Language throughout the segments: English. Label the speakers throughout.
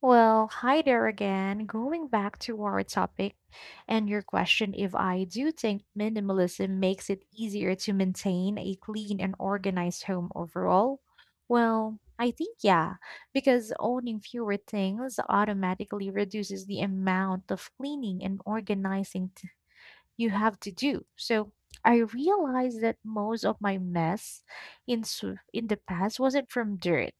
Speaker 1: Well, hi there again. Going back to our topic and your question, if I do think minimalism makes it easier to maintain a clean and organized home overall, well, I think yeah, because owning fewer things automatically reduces the amount of cleaning and organizing you have to do. So I realized that most of my mess in s- in the past wasn't from dirt.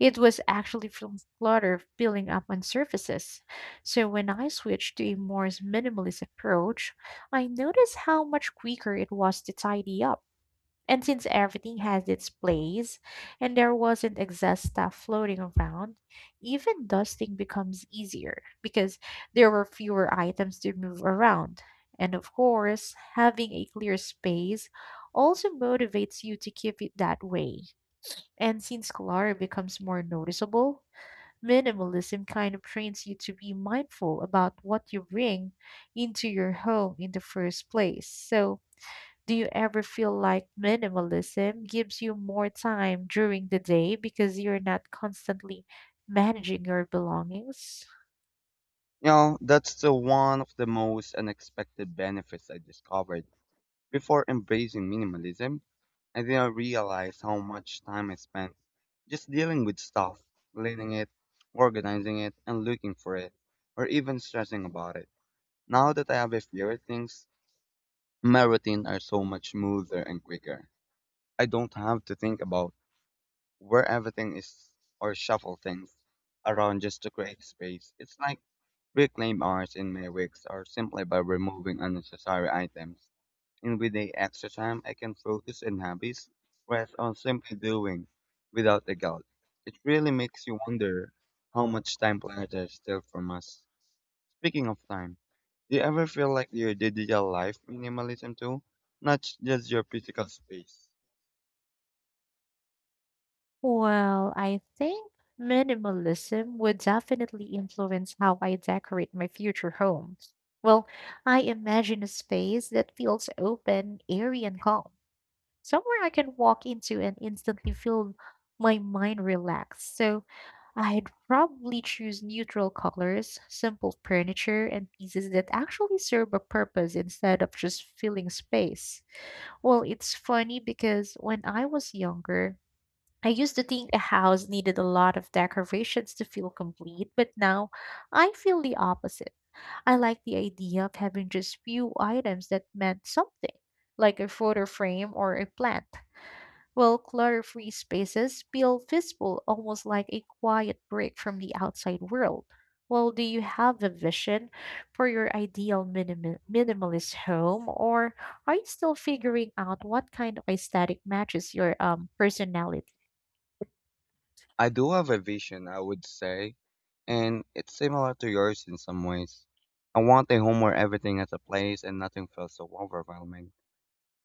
Speaker 1: It was actually from clutter building up on surfaces. So when I switched to a more minimalist approach, I noticed how much quicker it was to tidy up. And since everything has its place and there wasn't excess stuff floating around, even dusting becomes easier because there were fewer items to move around. And of course, having a clear space also motivates you to keep it that way. And since clutter becomes more noticeable, minimalism kind of trains you to be mindful about what you bring into your home in the first place. So, do you ever feel like minimalism gives you more time during the day because you're not constantly managing your belongings?
Speaker 2: You know, that's the one of the most unexpected benefits I discovered. Before embracing minimalism, I didn't realize how much time I spent just dealing with stuff, cleaning it, organizing it, and looking for it, or even stressing about it. Now that I have a fewer things, my routine are so much smoother and quicker. I don't have to think about where everything is or shuffle things around just to create space. It's like reclaim hours in my weeks are simply by removing unnecessary items. And with the extra time, I can focus on hobbies, rest on simply doing without the guilt. It really makes you wonder how much time planetary steal from us. Speaking of time, do you ever feel like your digital life minimalism too? Not just your physical space.
Speaker 1: Well, I think minimalism would definitely influence how I decorate my future home. Well, I imagine a space that feels open, airy, and calm, somewhere I can walk into and instantly feel my mind relax. So, I'd probably choose neutral colors, simple furniture, and pieces that actually serve a purpose instead of just filling space. Well, it's funny because when I was younger, I used to think a house needed a lot of decorations to feel complete, but now I feel the opposite. I like the idea of having just few items that meant something, like a photo frame or a plant. Well, clutter free spaces feel peaceful, almost like a quiet break from the outside world. Well, do you have a vision for your ideal minimalist home, or are you still figuring out what kind of aesthetic matches your personality?
Speaker 2: I do have a vision, I would say, and it's similar to yours in some ways. I want a home where everything has a place and nothing feels so overwhelming.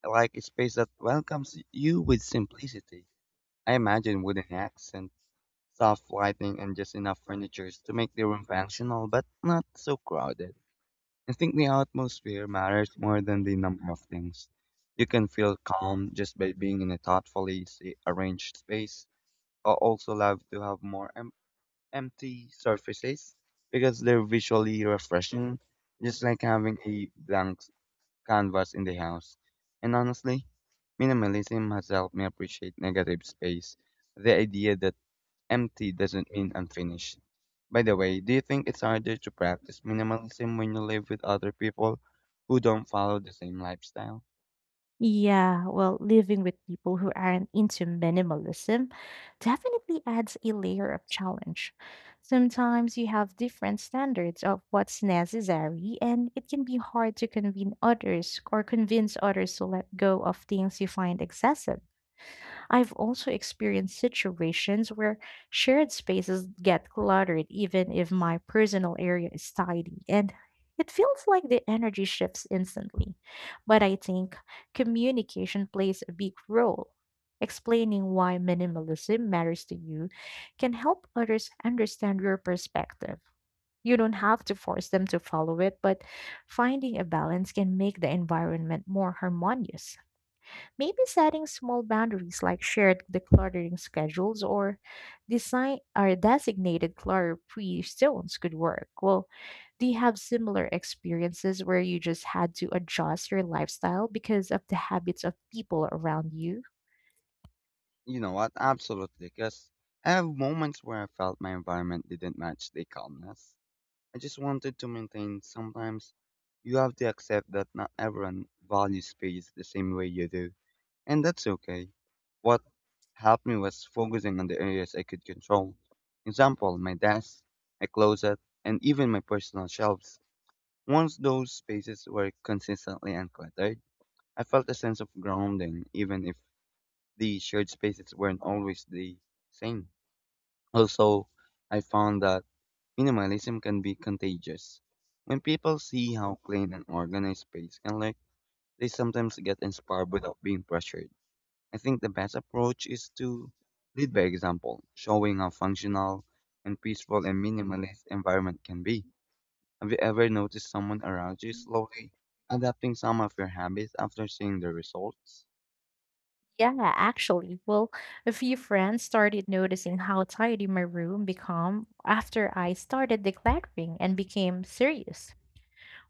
Speaker 2: I like a space that welcomes you with simplicity. I imagine wooden accent, soft lighting, and just enough furniture to make the room functional but not so crowded. I think the atmosphere matters more than the number of things. You can feel calm just by being in a thoughtfully arranged space. I also love to have more empty surfaces because they're visually refreshing, just like having a blank canvas in the house. And honestly, minimalism has helped me appreciate negative space, the idea that empty doesn't mean unfinished. By the way, do you think it's harder to practice minimalism when you live with other people who don't follow the same lifestyle?
Speaker 1: Yeah, well, living with people who aren't into minimalism definitely adds a layer of challenge. Sometimes you have different standards of what's necessary, and it can be hard to convince others or convince others to let go of things you find excessive. I've also experienced situations where shared spaces get cluttered, even if my personal area is tidy, and it feels like the energy shifts instantly. But I think communication plays a big role. Explaining why minimalism matters to you can help others understand your perspective. You don't have to force them to follow it, but finding a balance can make the environment more harmonious. Maybe setting small boundaries like shared decluttering schedules or designated clutter-free zones could work. Well, do you have similar experiences where you just had to adjust your lifestyle because of the habits of people around you?
Speaker 2: You know what? Absolutely, because I have moments where I felt my environment didn't match the calmness I just wanted to maintain. Sometimes you have to accept that not everyone values space the same way you do, and that's okay. What helped me was focusing on the areas I could control. Example, my desk, my closet, and even my personal shelves. Once those spaces were consistently uncluttered, I felt a sense of grounding even if the shared spaces weren't always the same. Also, I found that minimalism can be contagious. When people see how clean and organized space can look, they sometimes get inspired without being pressured. I think the best approach is to lead by example, showing how functional and peaceful a minimalist environment can be. Have you ever noticed someone around you slowly adapting some of your habits after seeing the results?
Speaker 1: Yeah, actually. Well, a few friends started noticing how tidy my room became after I started decluttering and became serious.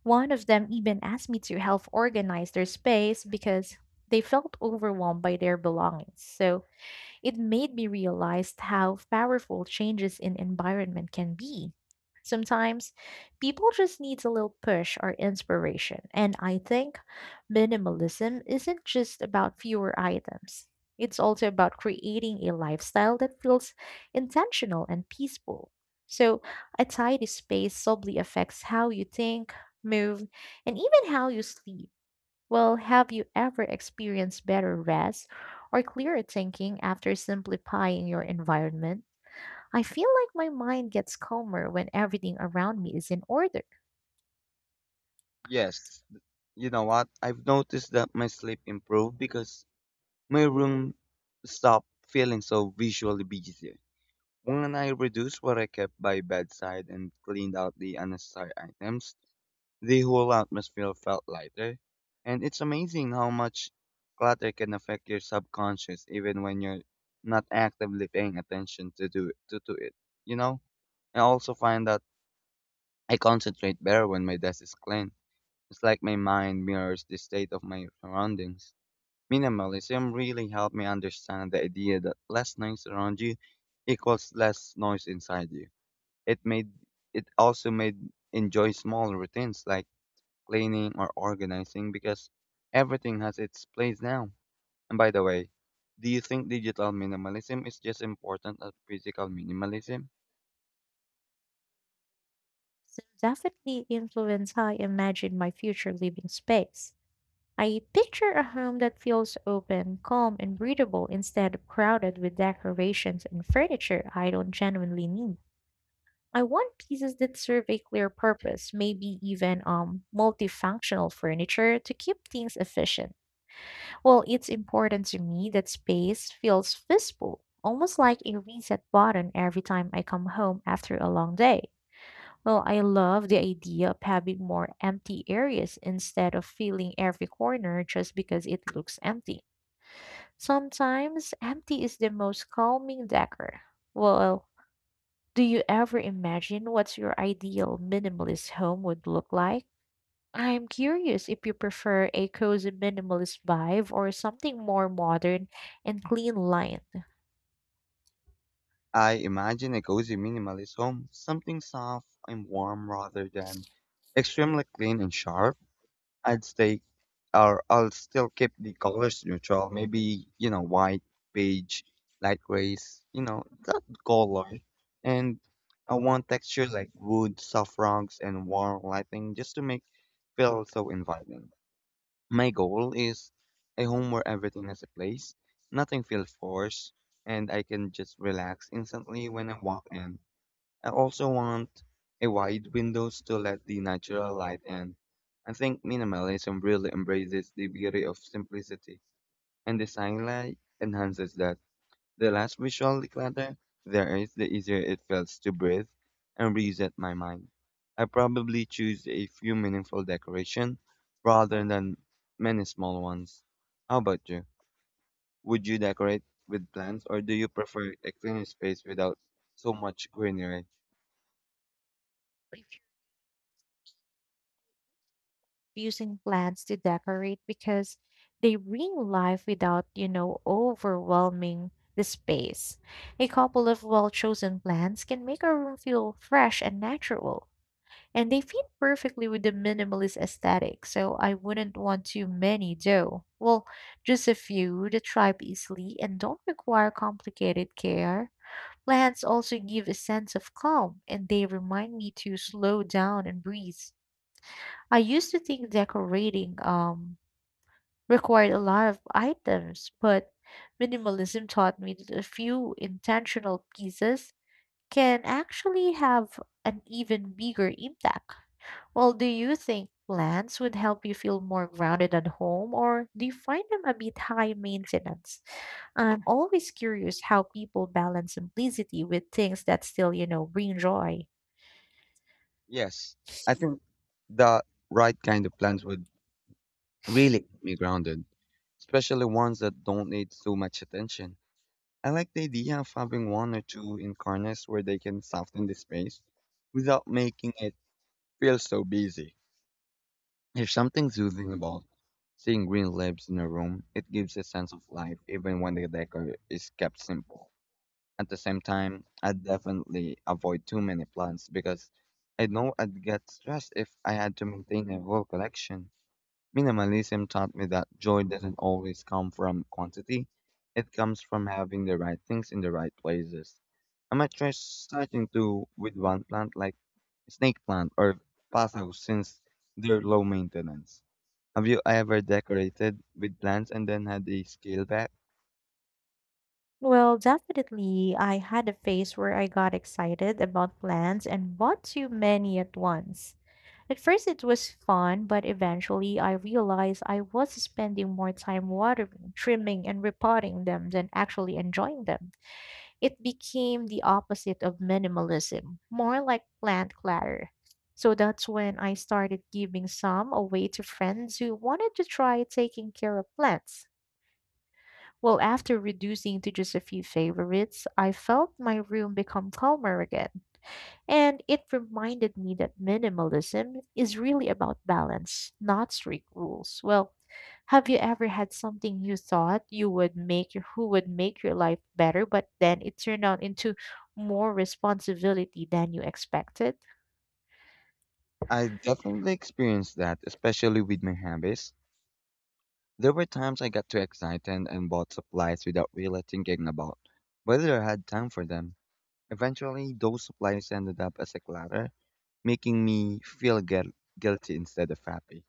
Speaker 1: One of them even asked me to help organize their space because they felt overwhelmed by their belongings. So it made me realize how powerful changes in environment can be. Sometimes people just need a little push or inspiration, and I think minimalism isn't just about fewer items. It's also about creating a lifestyle that feels intentional and peaceful. So, a tidy space subtly affects how you think, move, and even how you sleep. Well, have you ever experienced better rest or clearer thinking after simplifying your environment? I feel like my mind gets calmer when everything around me is in order.
Speaker 2: Yes. You know what? I've noticed that my sleep improved because my room stopped feeling so visually busy. When I reduced what I kept by bedside and cleaned out the unnecessary items, the whole atmosphere felt lighter. And it's amazing how much clutter can affect your subconscious even when you're not actively paying attention to it. You know? I also find that I concentrate better when my desk is clean. It's like my mind mirrors the state of my surroundings. Minimalism really helped me understand the idea that less noise around you equals less noise inside you. It made it also made enjoy small routines like cleaning or organizing because everything has its place now. And by the way, do you think digital minimalism is just important as physical minimalism?
Speaker 1: So definitely influence how I imagine my future living space. I picture a home that feels open, calm, and breathable instead of crowded with decorations and furniture I don't genuinely need. I want pieces that serve a clear purpose, maybe even multifunctional furniture to keep things efficient. Well, it's important to me that space feels visible, almost like a reset button every time I come home after a long day. Well, I love the idea of having more empty areas instead of filling every corner just because it looks empty. Sometimes empty is the most calming decor. Well, do you ever imagine what your ideal minimalist home would look like? I'm curious if you prefer a cozy minimalist vibe or something more modern and clean lined.
Speaker 2: I imagine a cozy minimalist home, something soft and warm rather than extremely clean and sharp. I'd stay, or I'll still keep the colors neutral. Maybe you know white, beige, light grays. You know that color, and I want texture like wood, soft rocks, and warm lighting just to make feel so inviting. My goal is a home where everything has a place, nothing feels forced, and I can just relax instantly when I walk in. I also want a wide windows to let the natural light in. I think minimalism really embraces the beauty of simplicity, and the sunlight enhances that. The less visual the clutter there is, the easier it feels to breathe and reset my mind. I probably choose a few meaningful decoration rather than many small ones. How about you? Would you decorate with plants or do you prefer a clean space without so much greenery?
Speaker 1: If you're using plants to decorate because they bring life without, overwhelming the space. A couple of well chosen plants can make a room feel fresh and natural. And they fit perfectly with the minimalist aesthetic, so I wouldn't want too many though. Well, just a few that thrive easily and don't require complicated care. Plants also give a sense of calm and they remind me to slow down and breathe. I used to think decorating required a lot of items, but minimalism taught me that a few intentional pieces can actually have an even bigger impact. Well, do you think plants would help you feel more grounded at home, or do you find them a bit high maintenance? I'm always curious how people balance simplicity with things that still, bring joy.
Speaker 2: Yes, I think the right kind of plants would really keep me grounded, especially ones that don't need so much attention. I like the idea of having one or two in corners where they can soften the space without making it feel so busy. There's something soothing about seeing green leaves in a room. It gives a sense of life even when the decor is kept simple. At the same time, I'd definitely avoid too many plants because I know I'd get stressed if I had to maintain a whole collection. Minimalism taught me that joy doesn't always come from quantity, it comes from having the right things in the right places. I might try starting to with one plant like snake plant or paso since they're low maintenance. Have you ever decorated with plants and then had a scale back?
Speaker 1: Well, definitely, I had a phase where I got excited about plants and bought too many at once. At first, it was fun, but eventually, I realized I was spending more time watering, trimming, and repotting them than actually enjoying them. It became the opposite of minimalism, more like plant clutter. So that's when I started giving some away to friends who wanted to try taking care of plants. Well, after reducing to just a few favorites, I felt my room become calmer again. And it reminded me that minimalism is really about balance, not strict rules. Well, have you ever had something you thought you would make your life better, but then it turned out into more responsibility than you expected?
Speaker 2: I definitely experienced that, especially with my habits. There were times I got too excited and bought supplies without really thinking about whether I had time for them. Eventually, those supplies ended up as a clutter, making me feel guilty instead of happy.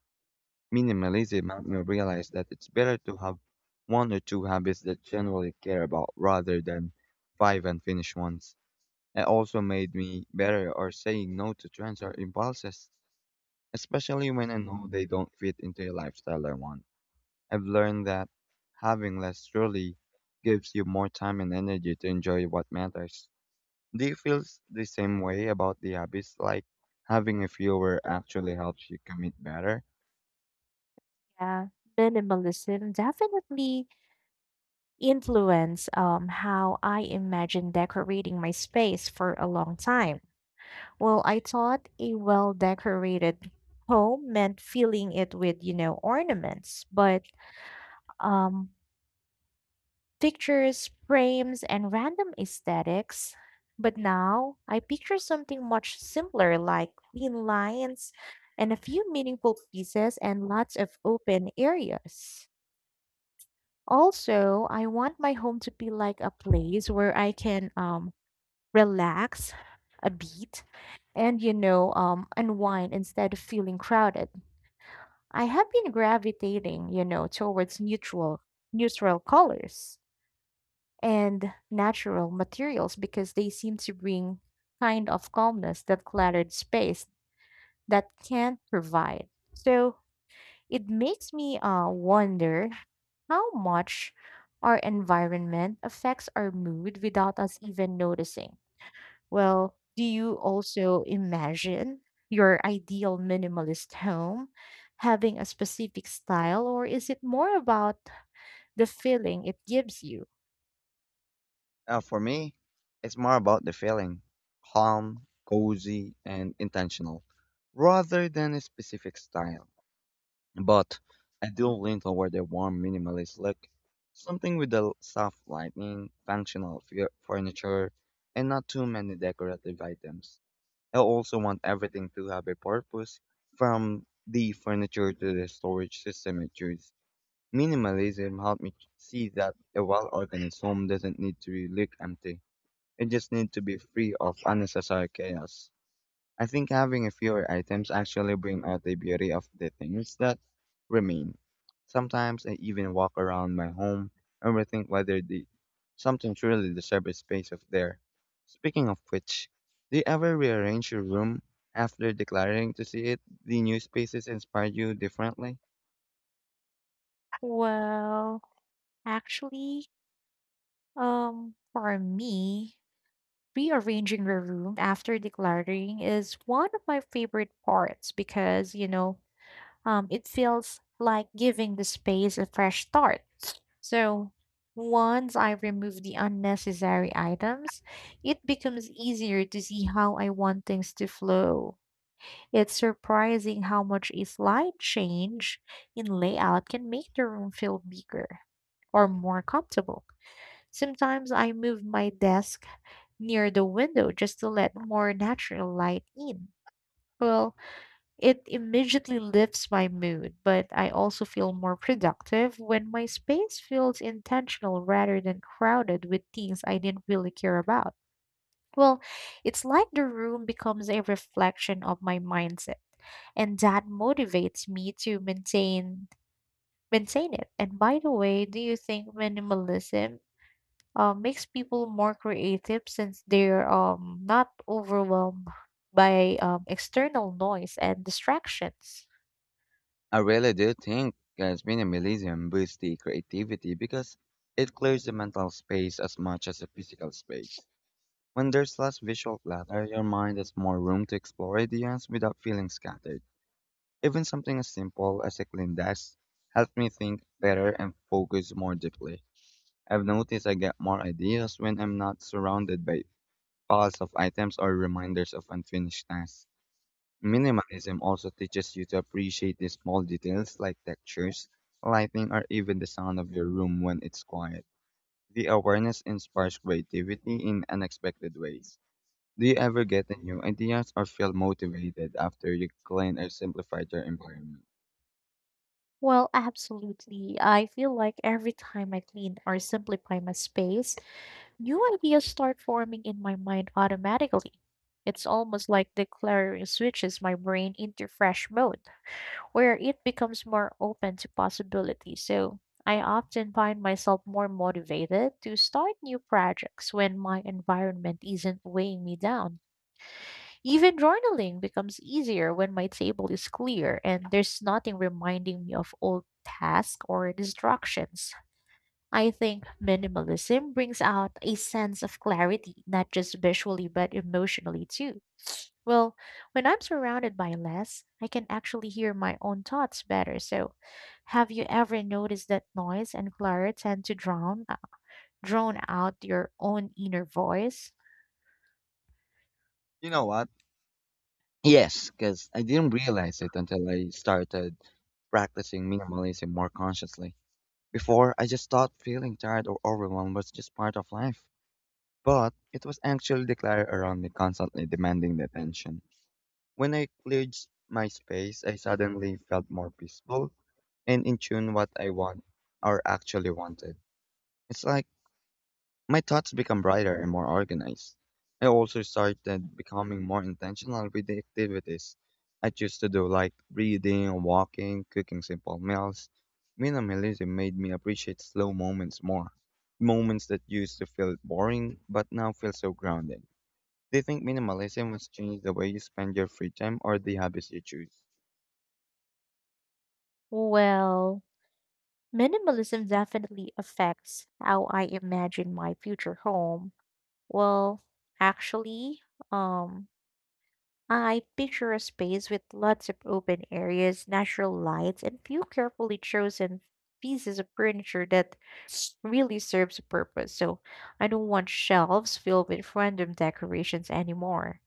Speaker 2: Minimalism made me realize that it's better to have one or two habits that generally care about rather than five unfinished ones. It also made me better or saying no to trends or impulses, especially when I know they don't fit into a lifestyle I want. I've learned that having less truly gives you more time and energy to enjoy what matters. Do you feel the same way about the hobbies? Like having a fewer actually helps you commit better?
Speaker 1: Yeah, minimalism definitely influenced how I imagine decorating my space for a long time. Well, I thought a well decorated home meant filling it with, ornaments, but um, pictures, frames, and random aesthetics. But now I picture something much simpler like clean lines and a few meaningful pieces and lots of open areas. Also, I want my home to be like a place where I can relax a bit and, unwind instead of feeling crowded. I have been gravitating, towards neutral colors and natural materials because they seem to bring kind of calmness that cluttered space that can't provide. So it makes me wonder how much our environment affects our mood without us even noticing. Well, do you also imagine your ideal minimalist home having a specific style, or is it more about the feeling it gives you?
Speaker 2: For me, it's more about the feeling calm, cozy, and intentional rather than a specific style. But I do lean toward a warm minimalist look, something with a soft lighting, functional furniture, and not too many decorative items. I also want everything to have a purpose, from the furniture to the storage system it uses. Minimalism helped me see that a well-organized home doesn't need to look empty. It just needs to be free of unnecessary chaos. I think having fewer items actually bring out the beauty of the things that remain. Sometimes I even walk around my home and rethink whether the something truly deserves a space of there. Speaking of which, do you ever rearrange your room after declaring to see it the new spaces inspire you differently?
Speaker 1: Well, actually, for me, rearranging the room after decluttering is one of my favorite parts because, it feels like giving the space a fresh start. So once I remove the unnecessary items, it becomes easier to see how I want things to flow. It's surprising how much a slight change in layout can make the room feel bigger or more comfortable. Sometimes I move my desk near the window just to let more natural light in. Well, it immediately lifts my mood, but I also feel more productive when my space feels intentional rather than crowded with things I didn't really care about. Well, it's like the room becomes a reflection of my mindset, and that motivates me to maintain it. And by the way, do you think minimalism makes people more creative since they're not overwhelmed by external noise and distractions?
Speaker 2: I really do think guys minimalism boosts the creativity because it clears the mental space as much as the physical space. When there's less visual clutter, your mind has more room to explore ideas without feeling scattered. Even something as simple as a clean desk helps me think better and focus more deeply. I've noticed I get more ideas when I'm not surrounded by piles of items or reminders of unfinished tasks.
Speaker 1: Mm.
Speaker 2: Minimalism also teaches you to appreciate the small details like textures, lighting, or even the sound of your room when it's quiet. The awareness inspires creativity in unexpected ways. Do you ever get a new ideas or feel motivated after you clean or simplified your environment?
Speaker 1: Well, absolutely. I feel like every time I clean or simplify my space, new ideas start forming in my mind automatically. It's almost like declaring switches my brain into fresh mode, where it becomes more open to possibility. So I often find myself more motivated to start new projects when my environment isn't weighing me down. Even journaling becomes easier when my table is clear and there's nothing reminding me of old tasks or distractions. I think minimalism brings out a sense of clarity, not just visually, but emotionally too. Well, when I'm surrounded by less, I can actually hear my own thoughts better. So, have you ever noticed that noise and clutter tend to drown drone out your own inner voice?
Speaker 2: You know what? Yes, because I didn't realize it until I started practicing minimalism more consciously. Before, I just thought feeling tired or overwhelmed was just part of life. But it was actually the clutter around me constantly demanding the attention. When I cleared my space, I suddenly felt more peaceful and in tune what I want or actually wanted. It's like my thoughts become brighter and more organized. I also started becoming more intentional with the activities I choose to do, like reading, walking, cooking simple meals. Minimalism made me appreciate slow moments more. Moments that used to feel boring but now feel so grounding. Do you think minimalism has changed the way you spend your free time or the habits you choose?
Speaker 1: Well, minimalism definitely affects how I imagine my future home. Well, actually, um I picture a space with lots of open areas, natural lights, and few carefully chosen pieces of furniture that really serves a purpose. So I don't want shelves filled with random decorations anymore.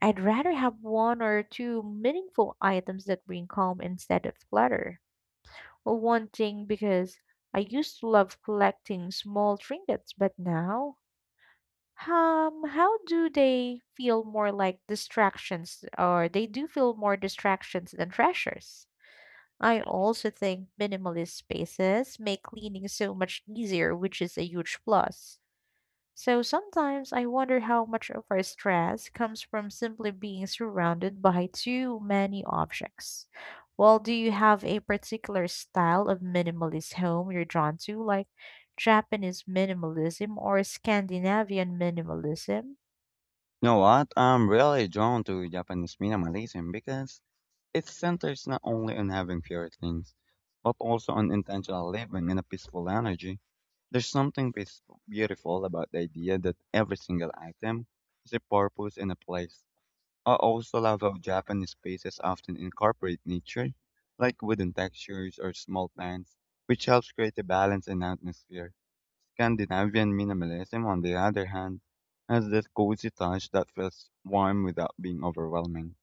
Speaker 1: I'd rather have one or two meaningful items that bring calm instead of clutter. Well, one thing because I used to love collecting small trinkets, but now how do they feel more like distractions, or they do feel more distractions than treasures? I also think minimalist spaces make cleaning so much easier, which is a huge plus. So sometimes I wonder how much of our stress comes from simply being surrounded by too many objects. Well, do you have a particular style of minimalist home you're drawn to, like Japanese minimalism or Scandinavian minimalism?
Speaker 2: You know what? I'm really drawn to Japanese minimalism because it centers not only on having fewer things, but also on intentional living and a peaceful energy. There's something beautiful about the idea that every single item has a purpose and a place. I also love how Japanese spaces often incorporate nature, like wooden textures or small plants, which helps create a balance and atmosphere. Scandinavian minimalism, on the other hand, has this cozy touch that feels warm without being overwhelming.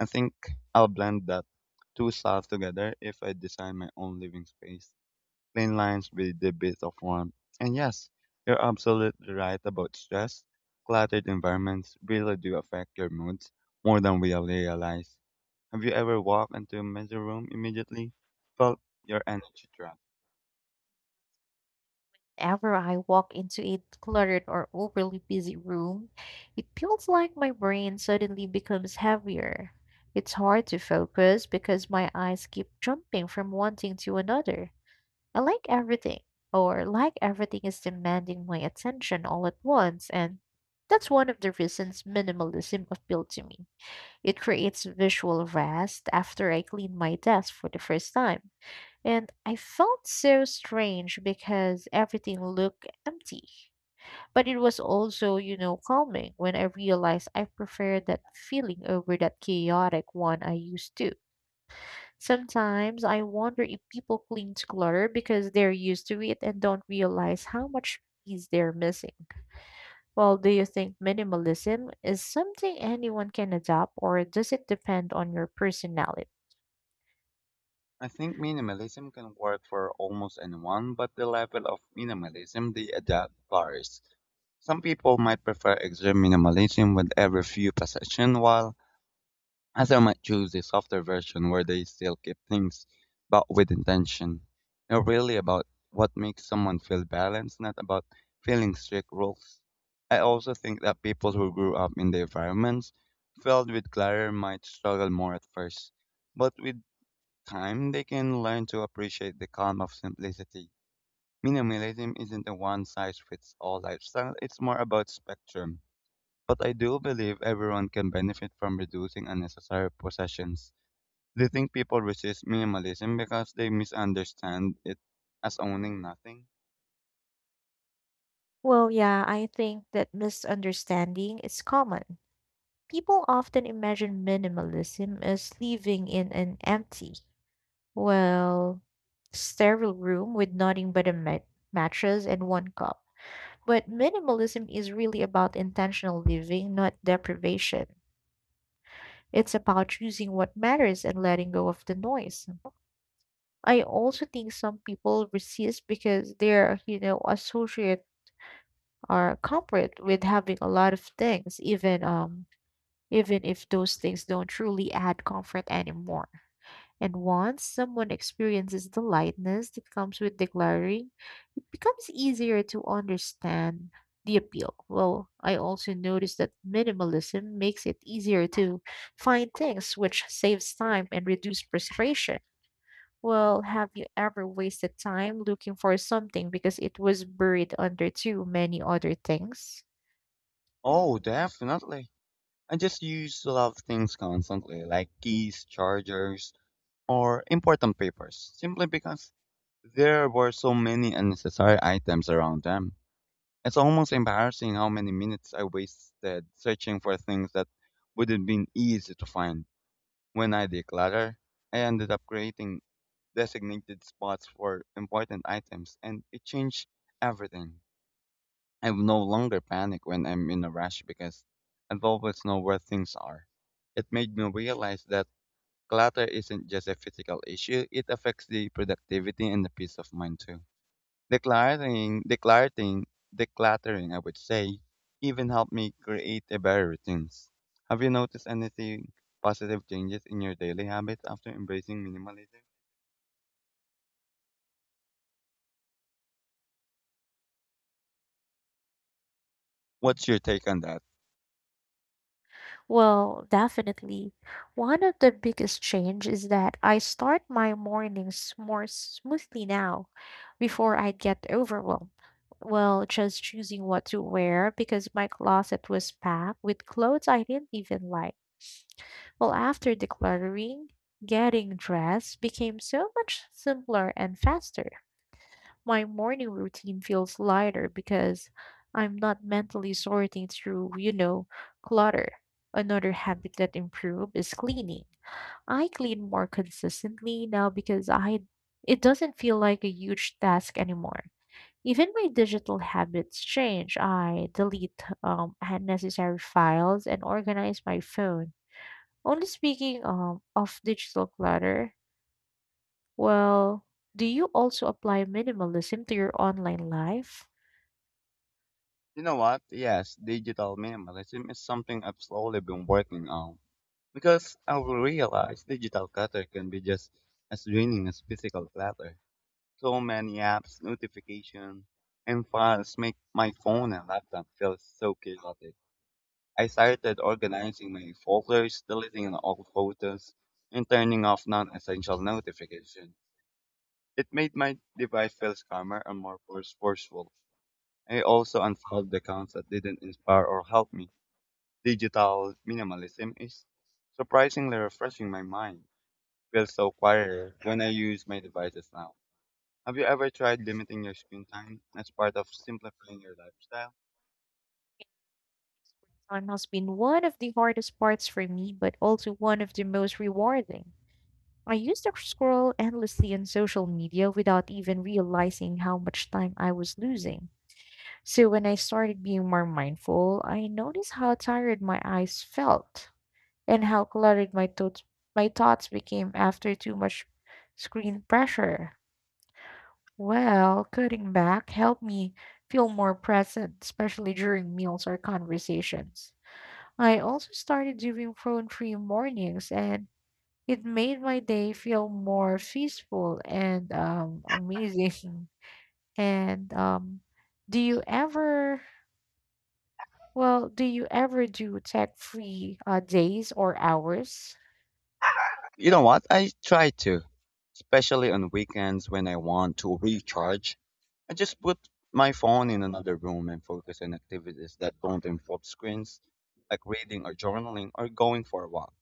Speaker 2: I think I'll blend that two styles together if I design my own living space. Plain lines with a bit of warmth. And yes, you're absolutely right about stress. Cluttered environments really do affect your moods more than we realize. Have you ever walked into a messy room immediately? Felt your energy drop.
Speaker 1: Whenever I walk into a cluttered or overly busy room, it feels like my brain suddenly becomes heavier. It's hard to focus because my eyes keep jumping from one thing to another. I like everything, or like everything is demanding my attention all at once, and that's one of the reasons minimalism appealed to me. It creates visual rest after I clean my desk for the first time. And I felt so strange because everything looked empty. But it was also calming when I realized I preferred that feeling over that chaotic one I used to. Sometimes I wonder if people cling to clutter because they're used to it and don't realize how much peace they're missing. Well, do you think minimalism is something anyone can adopt, or does it depend on your personality?
Speaker 2: I think minimalism can work for almost anyone, but the level of minimalism they adapt varies. Some people might prefer extreme minimalism with every few possessions, while others might choose the softer version where they still keep things but with intention. It's really about what makes someone feel balanced, not about feeling strict rules. I also think that people who grew up in the environments filled with clutter might struggle more at first, but with time they can learn to appreciate the calm of simplicity. Minimalism isn't a one size fits all lifestyle, it's more about spectrum but I do believe everyone can benefit from reducing unnecessary possessions. Do you think people resist minimalism because they misunderstand it as owning nothing?
Speaker 1: Well, yeah, I think that misunderstanding is common. People often imagine minimalism as living in an empty, well, sterile room with nothing but a mattress and one cup. But minimalism is really about intentional living, not deprivation. It's about choosing what matters and letting go of the noise. I also think some people resist because they're associate or comfort with having a lot of things, even if those things don't truly add comfort anymore. And once someone experiences the lightness that comes with declaring, it becomes easier to understand the appeal. Well, I also noticed that minimalism makes it easier to find things, which saves time and reduces frustration. Well, have you ever wasted time looking for something because it was buried under too many other things?
Speaker 2: Oh, definitely. I just used to love things constantly, like keys, chargers, or important papers, simply because there were so many unnecessary items around them. It's almost embarrassing how many minutes I wasted searching for things that would have been easy to find. When I declutter, I ended up creating designated spots for important items and it changed everything. I no longer panic when I'm in a rush because I always know where things are. It made me realize that clutter isn't just a physical issue, it affects the productivity and the peace of mind too. Decluttering, decluttering, decluttering, I would say, even helped me create a better routines. Have you noticed anything positive changes in your daily habits after embracing minimalism? What's your take on that?
Speaker 1: Well, definitely. One of the biggest change is that I start my mornings more smoothly now before I get overwhelmed. Well, just choosing what to wear because my closet was packed with clothes I didn't even like. Well, after decluttering, getting dressed became so much simpler and faster. My morning routine feels lighter because I'm not mentally sorting through clutter. Another habit that improved is cleaning. I clean more consistently now because I it doesn't feel like a huge task anymore. Even my digital habits change. I delete unnecessary files and organize my phone. Only speaking of digital clutter, well, do you also apply minimalism to your online life?
Speaker 2: You know what? Yes, digital minimalism is something I've slowly been working on because I realized digital clutter can be just as draining as physical clutter. So many apps, notifications, and files make my phone and laptop feel so chaotic. I started organizing my folders, deleting all photos, and turning off non-essential notifications. It made my device feel calmer and more forceful. I also unfollowed the accounts that didn't inspire or help me. Digital minimalism is surprisingly refreshing my mind. Feels so quieter when I use my devices now. Have you ever tried limiting your screen time as part of simplifying your lifestyle?
Speaker 1: Time has been one of the hardest parts for me, but also one of the most rewarding. I used to scroll endlessly on social media without even realizing how much time I was losing. So when I started being more mindful, I noticed how tired my eyes felt and how cluttered my thoughts became after too much screen pressure. Well, cutting back helped me feel more present, especially during meals or conversations. I also started doing phone-free mornings, and it made my day feel more peaceful and amazing. And do you ever, well, do you ever do tech-free days or hours?
Speaker 2: You know what? I try to, especially on weekends when I want to recharge. I just put my phone in another room and focus on activities that don't involve screens, like reading or journaling or going for a walk.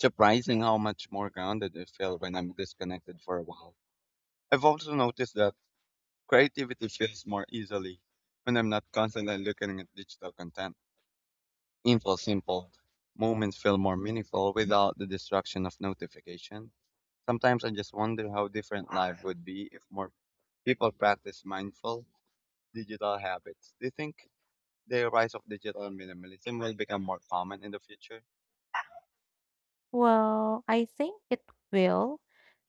Speaker 2: Surprising how much more grounded I feel when I'm disconnected for a while. I've also noticed that creativity feels more easily when I'm not constantly looking at digital content. Info simple moments feel more meaningful without the distraction of notification. Sometimes I just wonder how different life would be if more people practice mindful digital habits. Do you think the rise of digital minimalism will become more common in the future?
Speaker 1: Well, I think it will,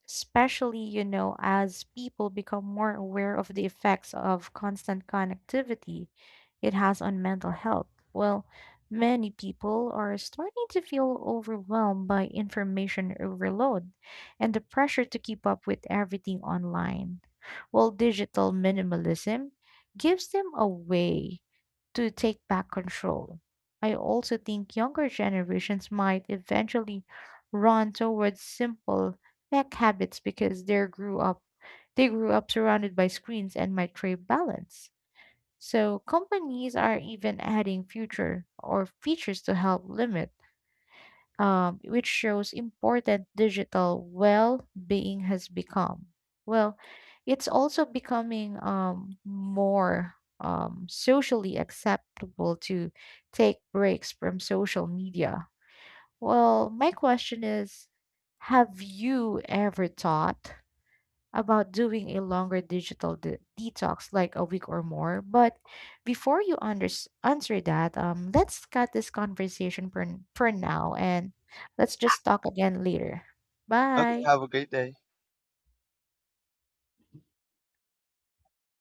Speaker 1: especially, you know, as people become more aware of the effects of constant connectivity it has on mental health. Well, many people are starting to feel overwhelmed by information overload and the pressure to keep up with everything online, while digital minimalism gives them a way to take back control. I also think younger generations might eventually run towards simple tech habits because they grew up surrounded by screens and might crave balance. So companies are even adding future or features to help limit, which shows important digital well-being has become. Well, it's also becoming more socially acceptable to take breaks from social media. Well, my question is, have you ever thought about doing a longer digital detox, like a week or more? But before you unders answer that, let's cut this conversation for now, and let's just talk again later.
Speaker 2: Okay,
Speaker 1: Bye.
Speaker 2: have a great day.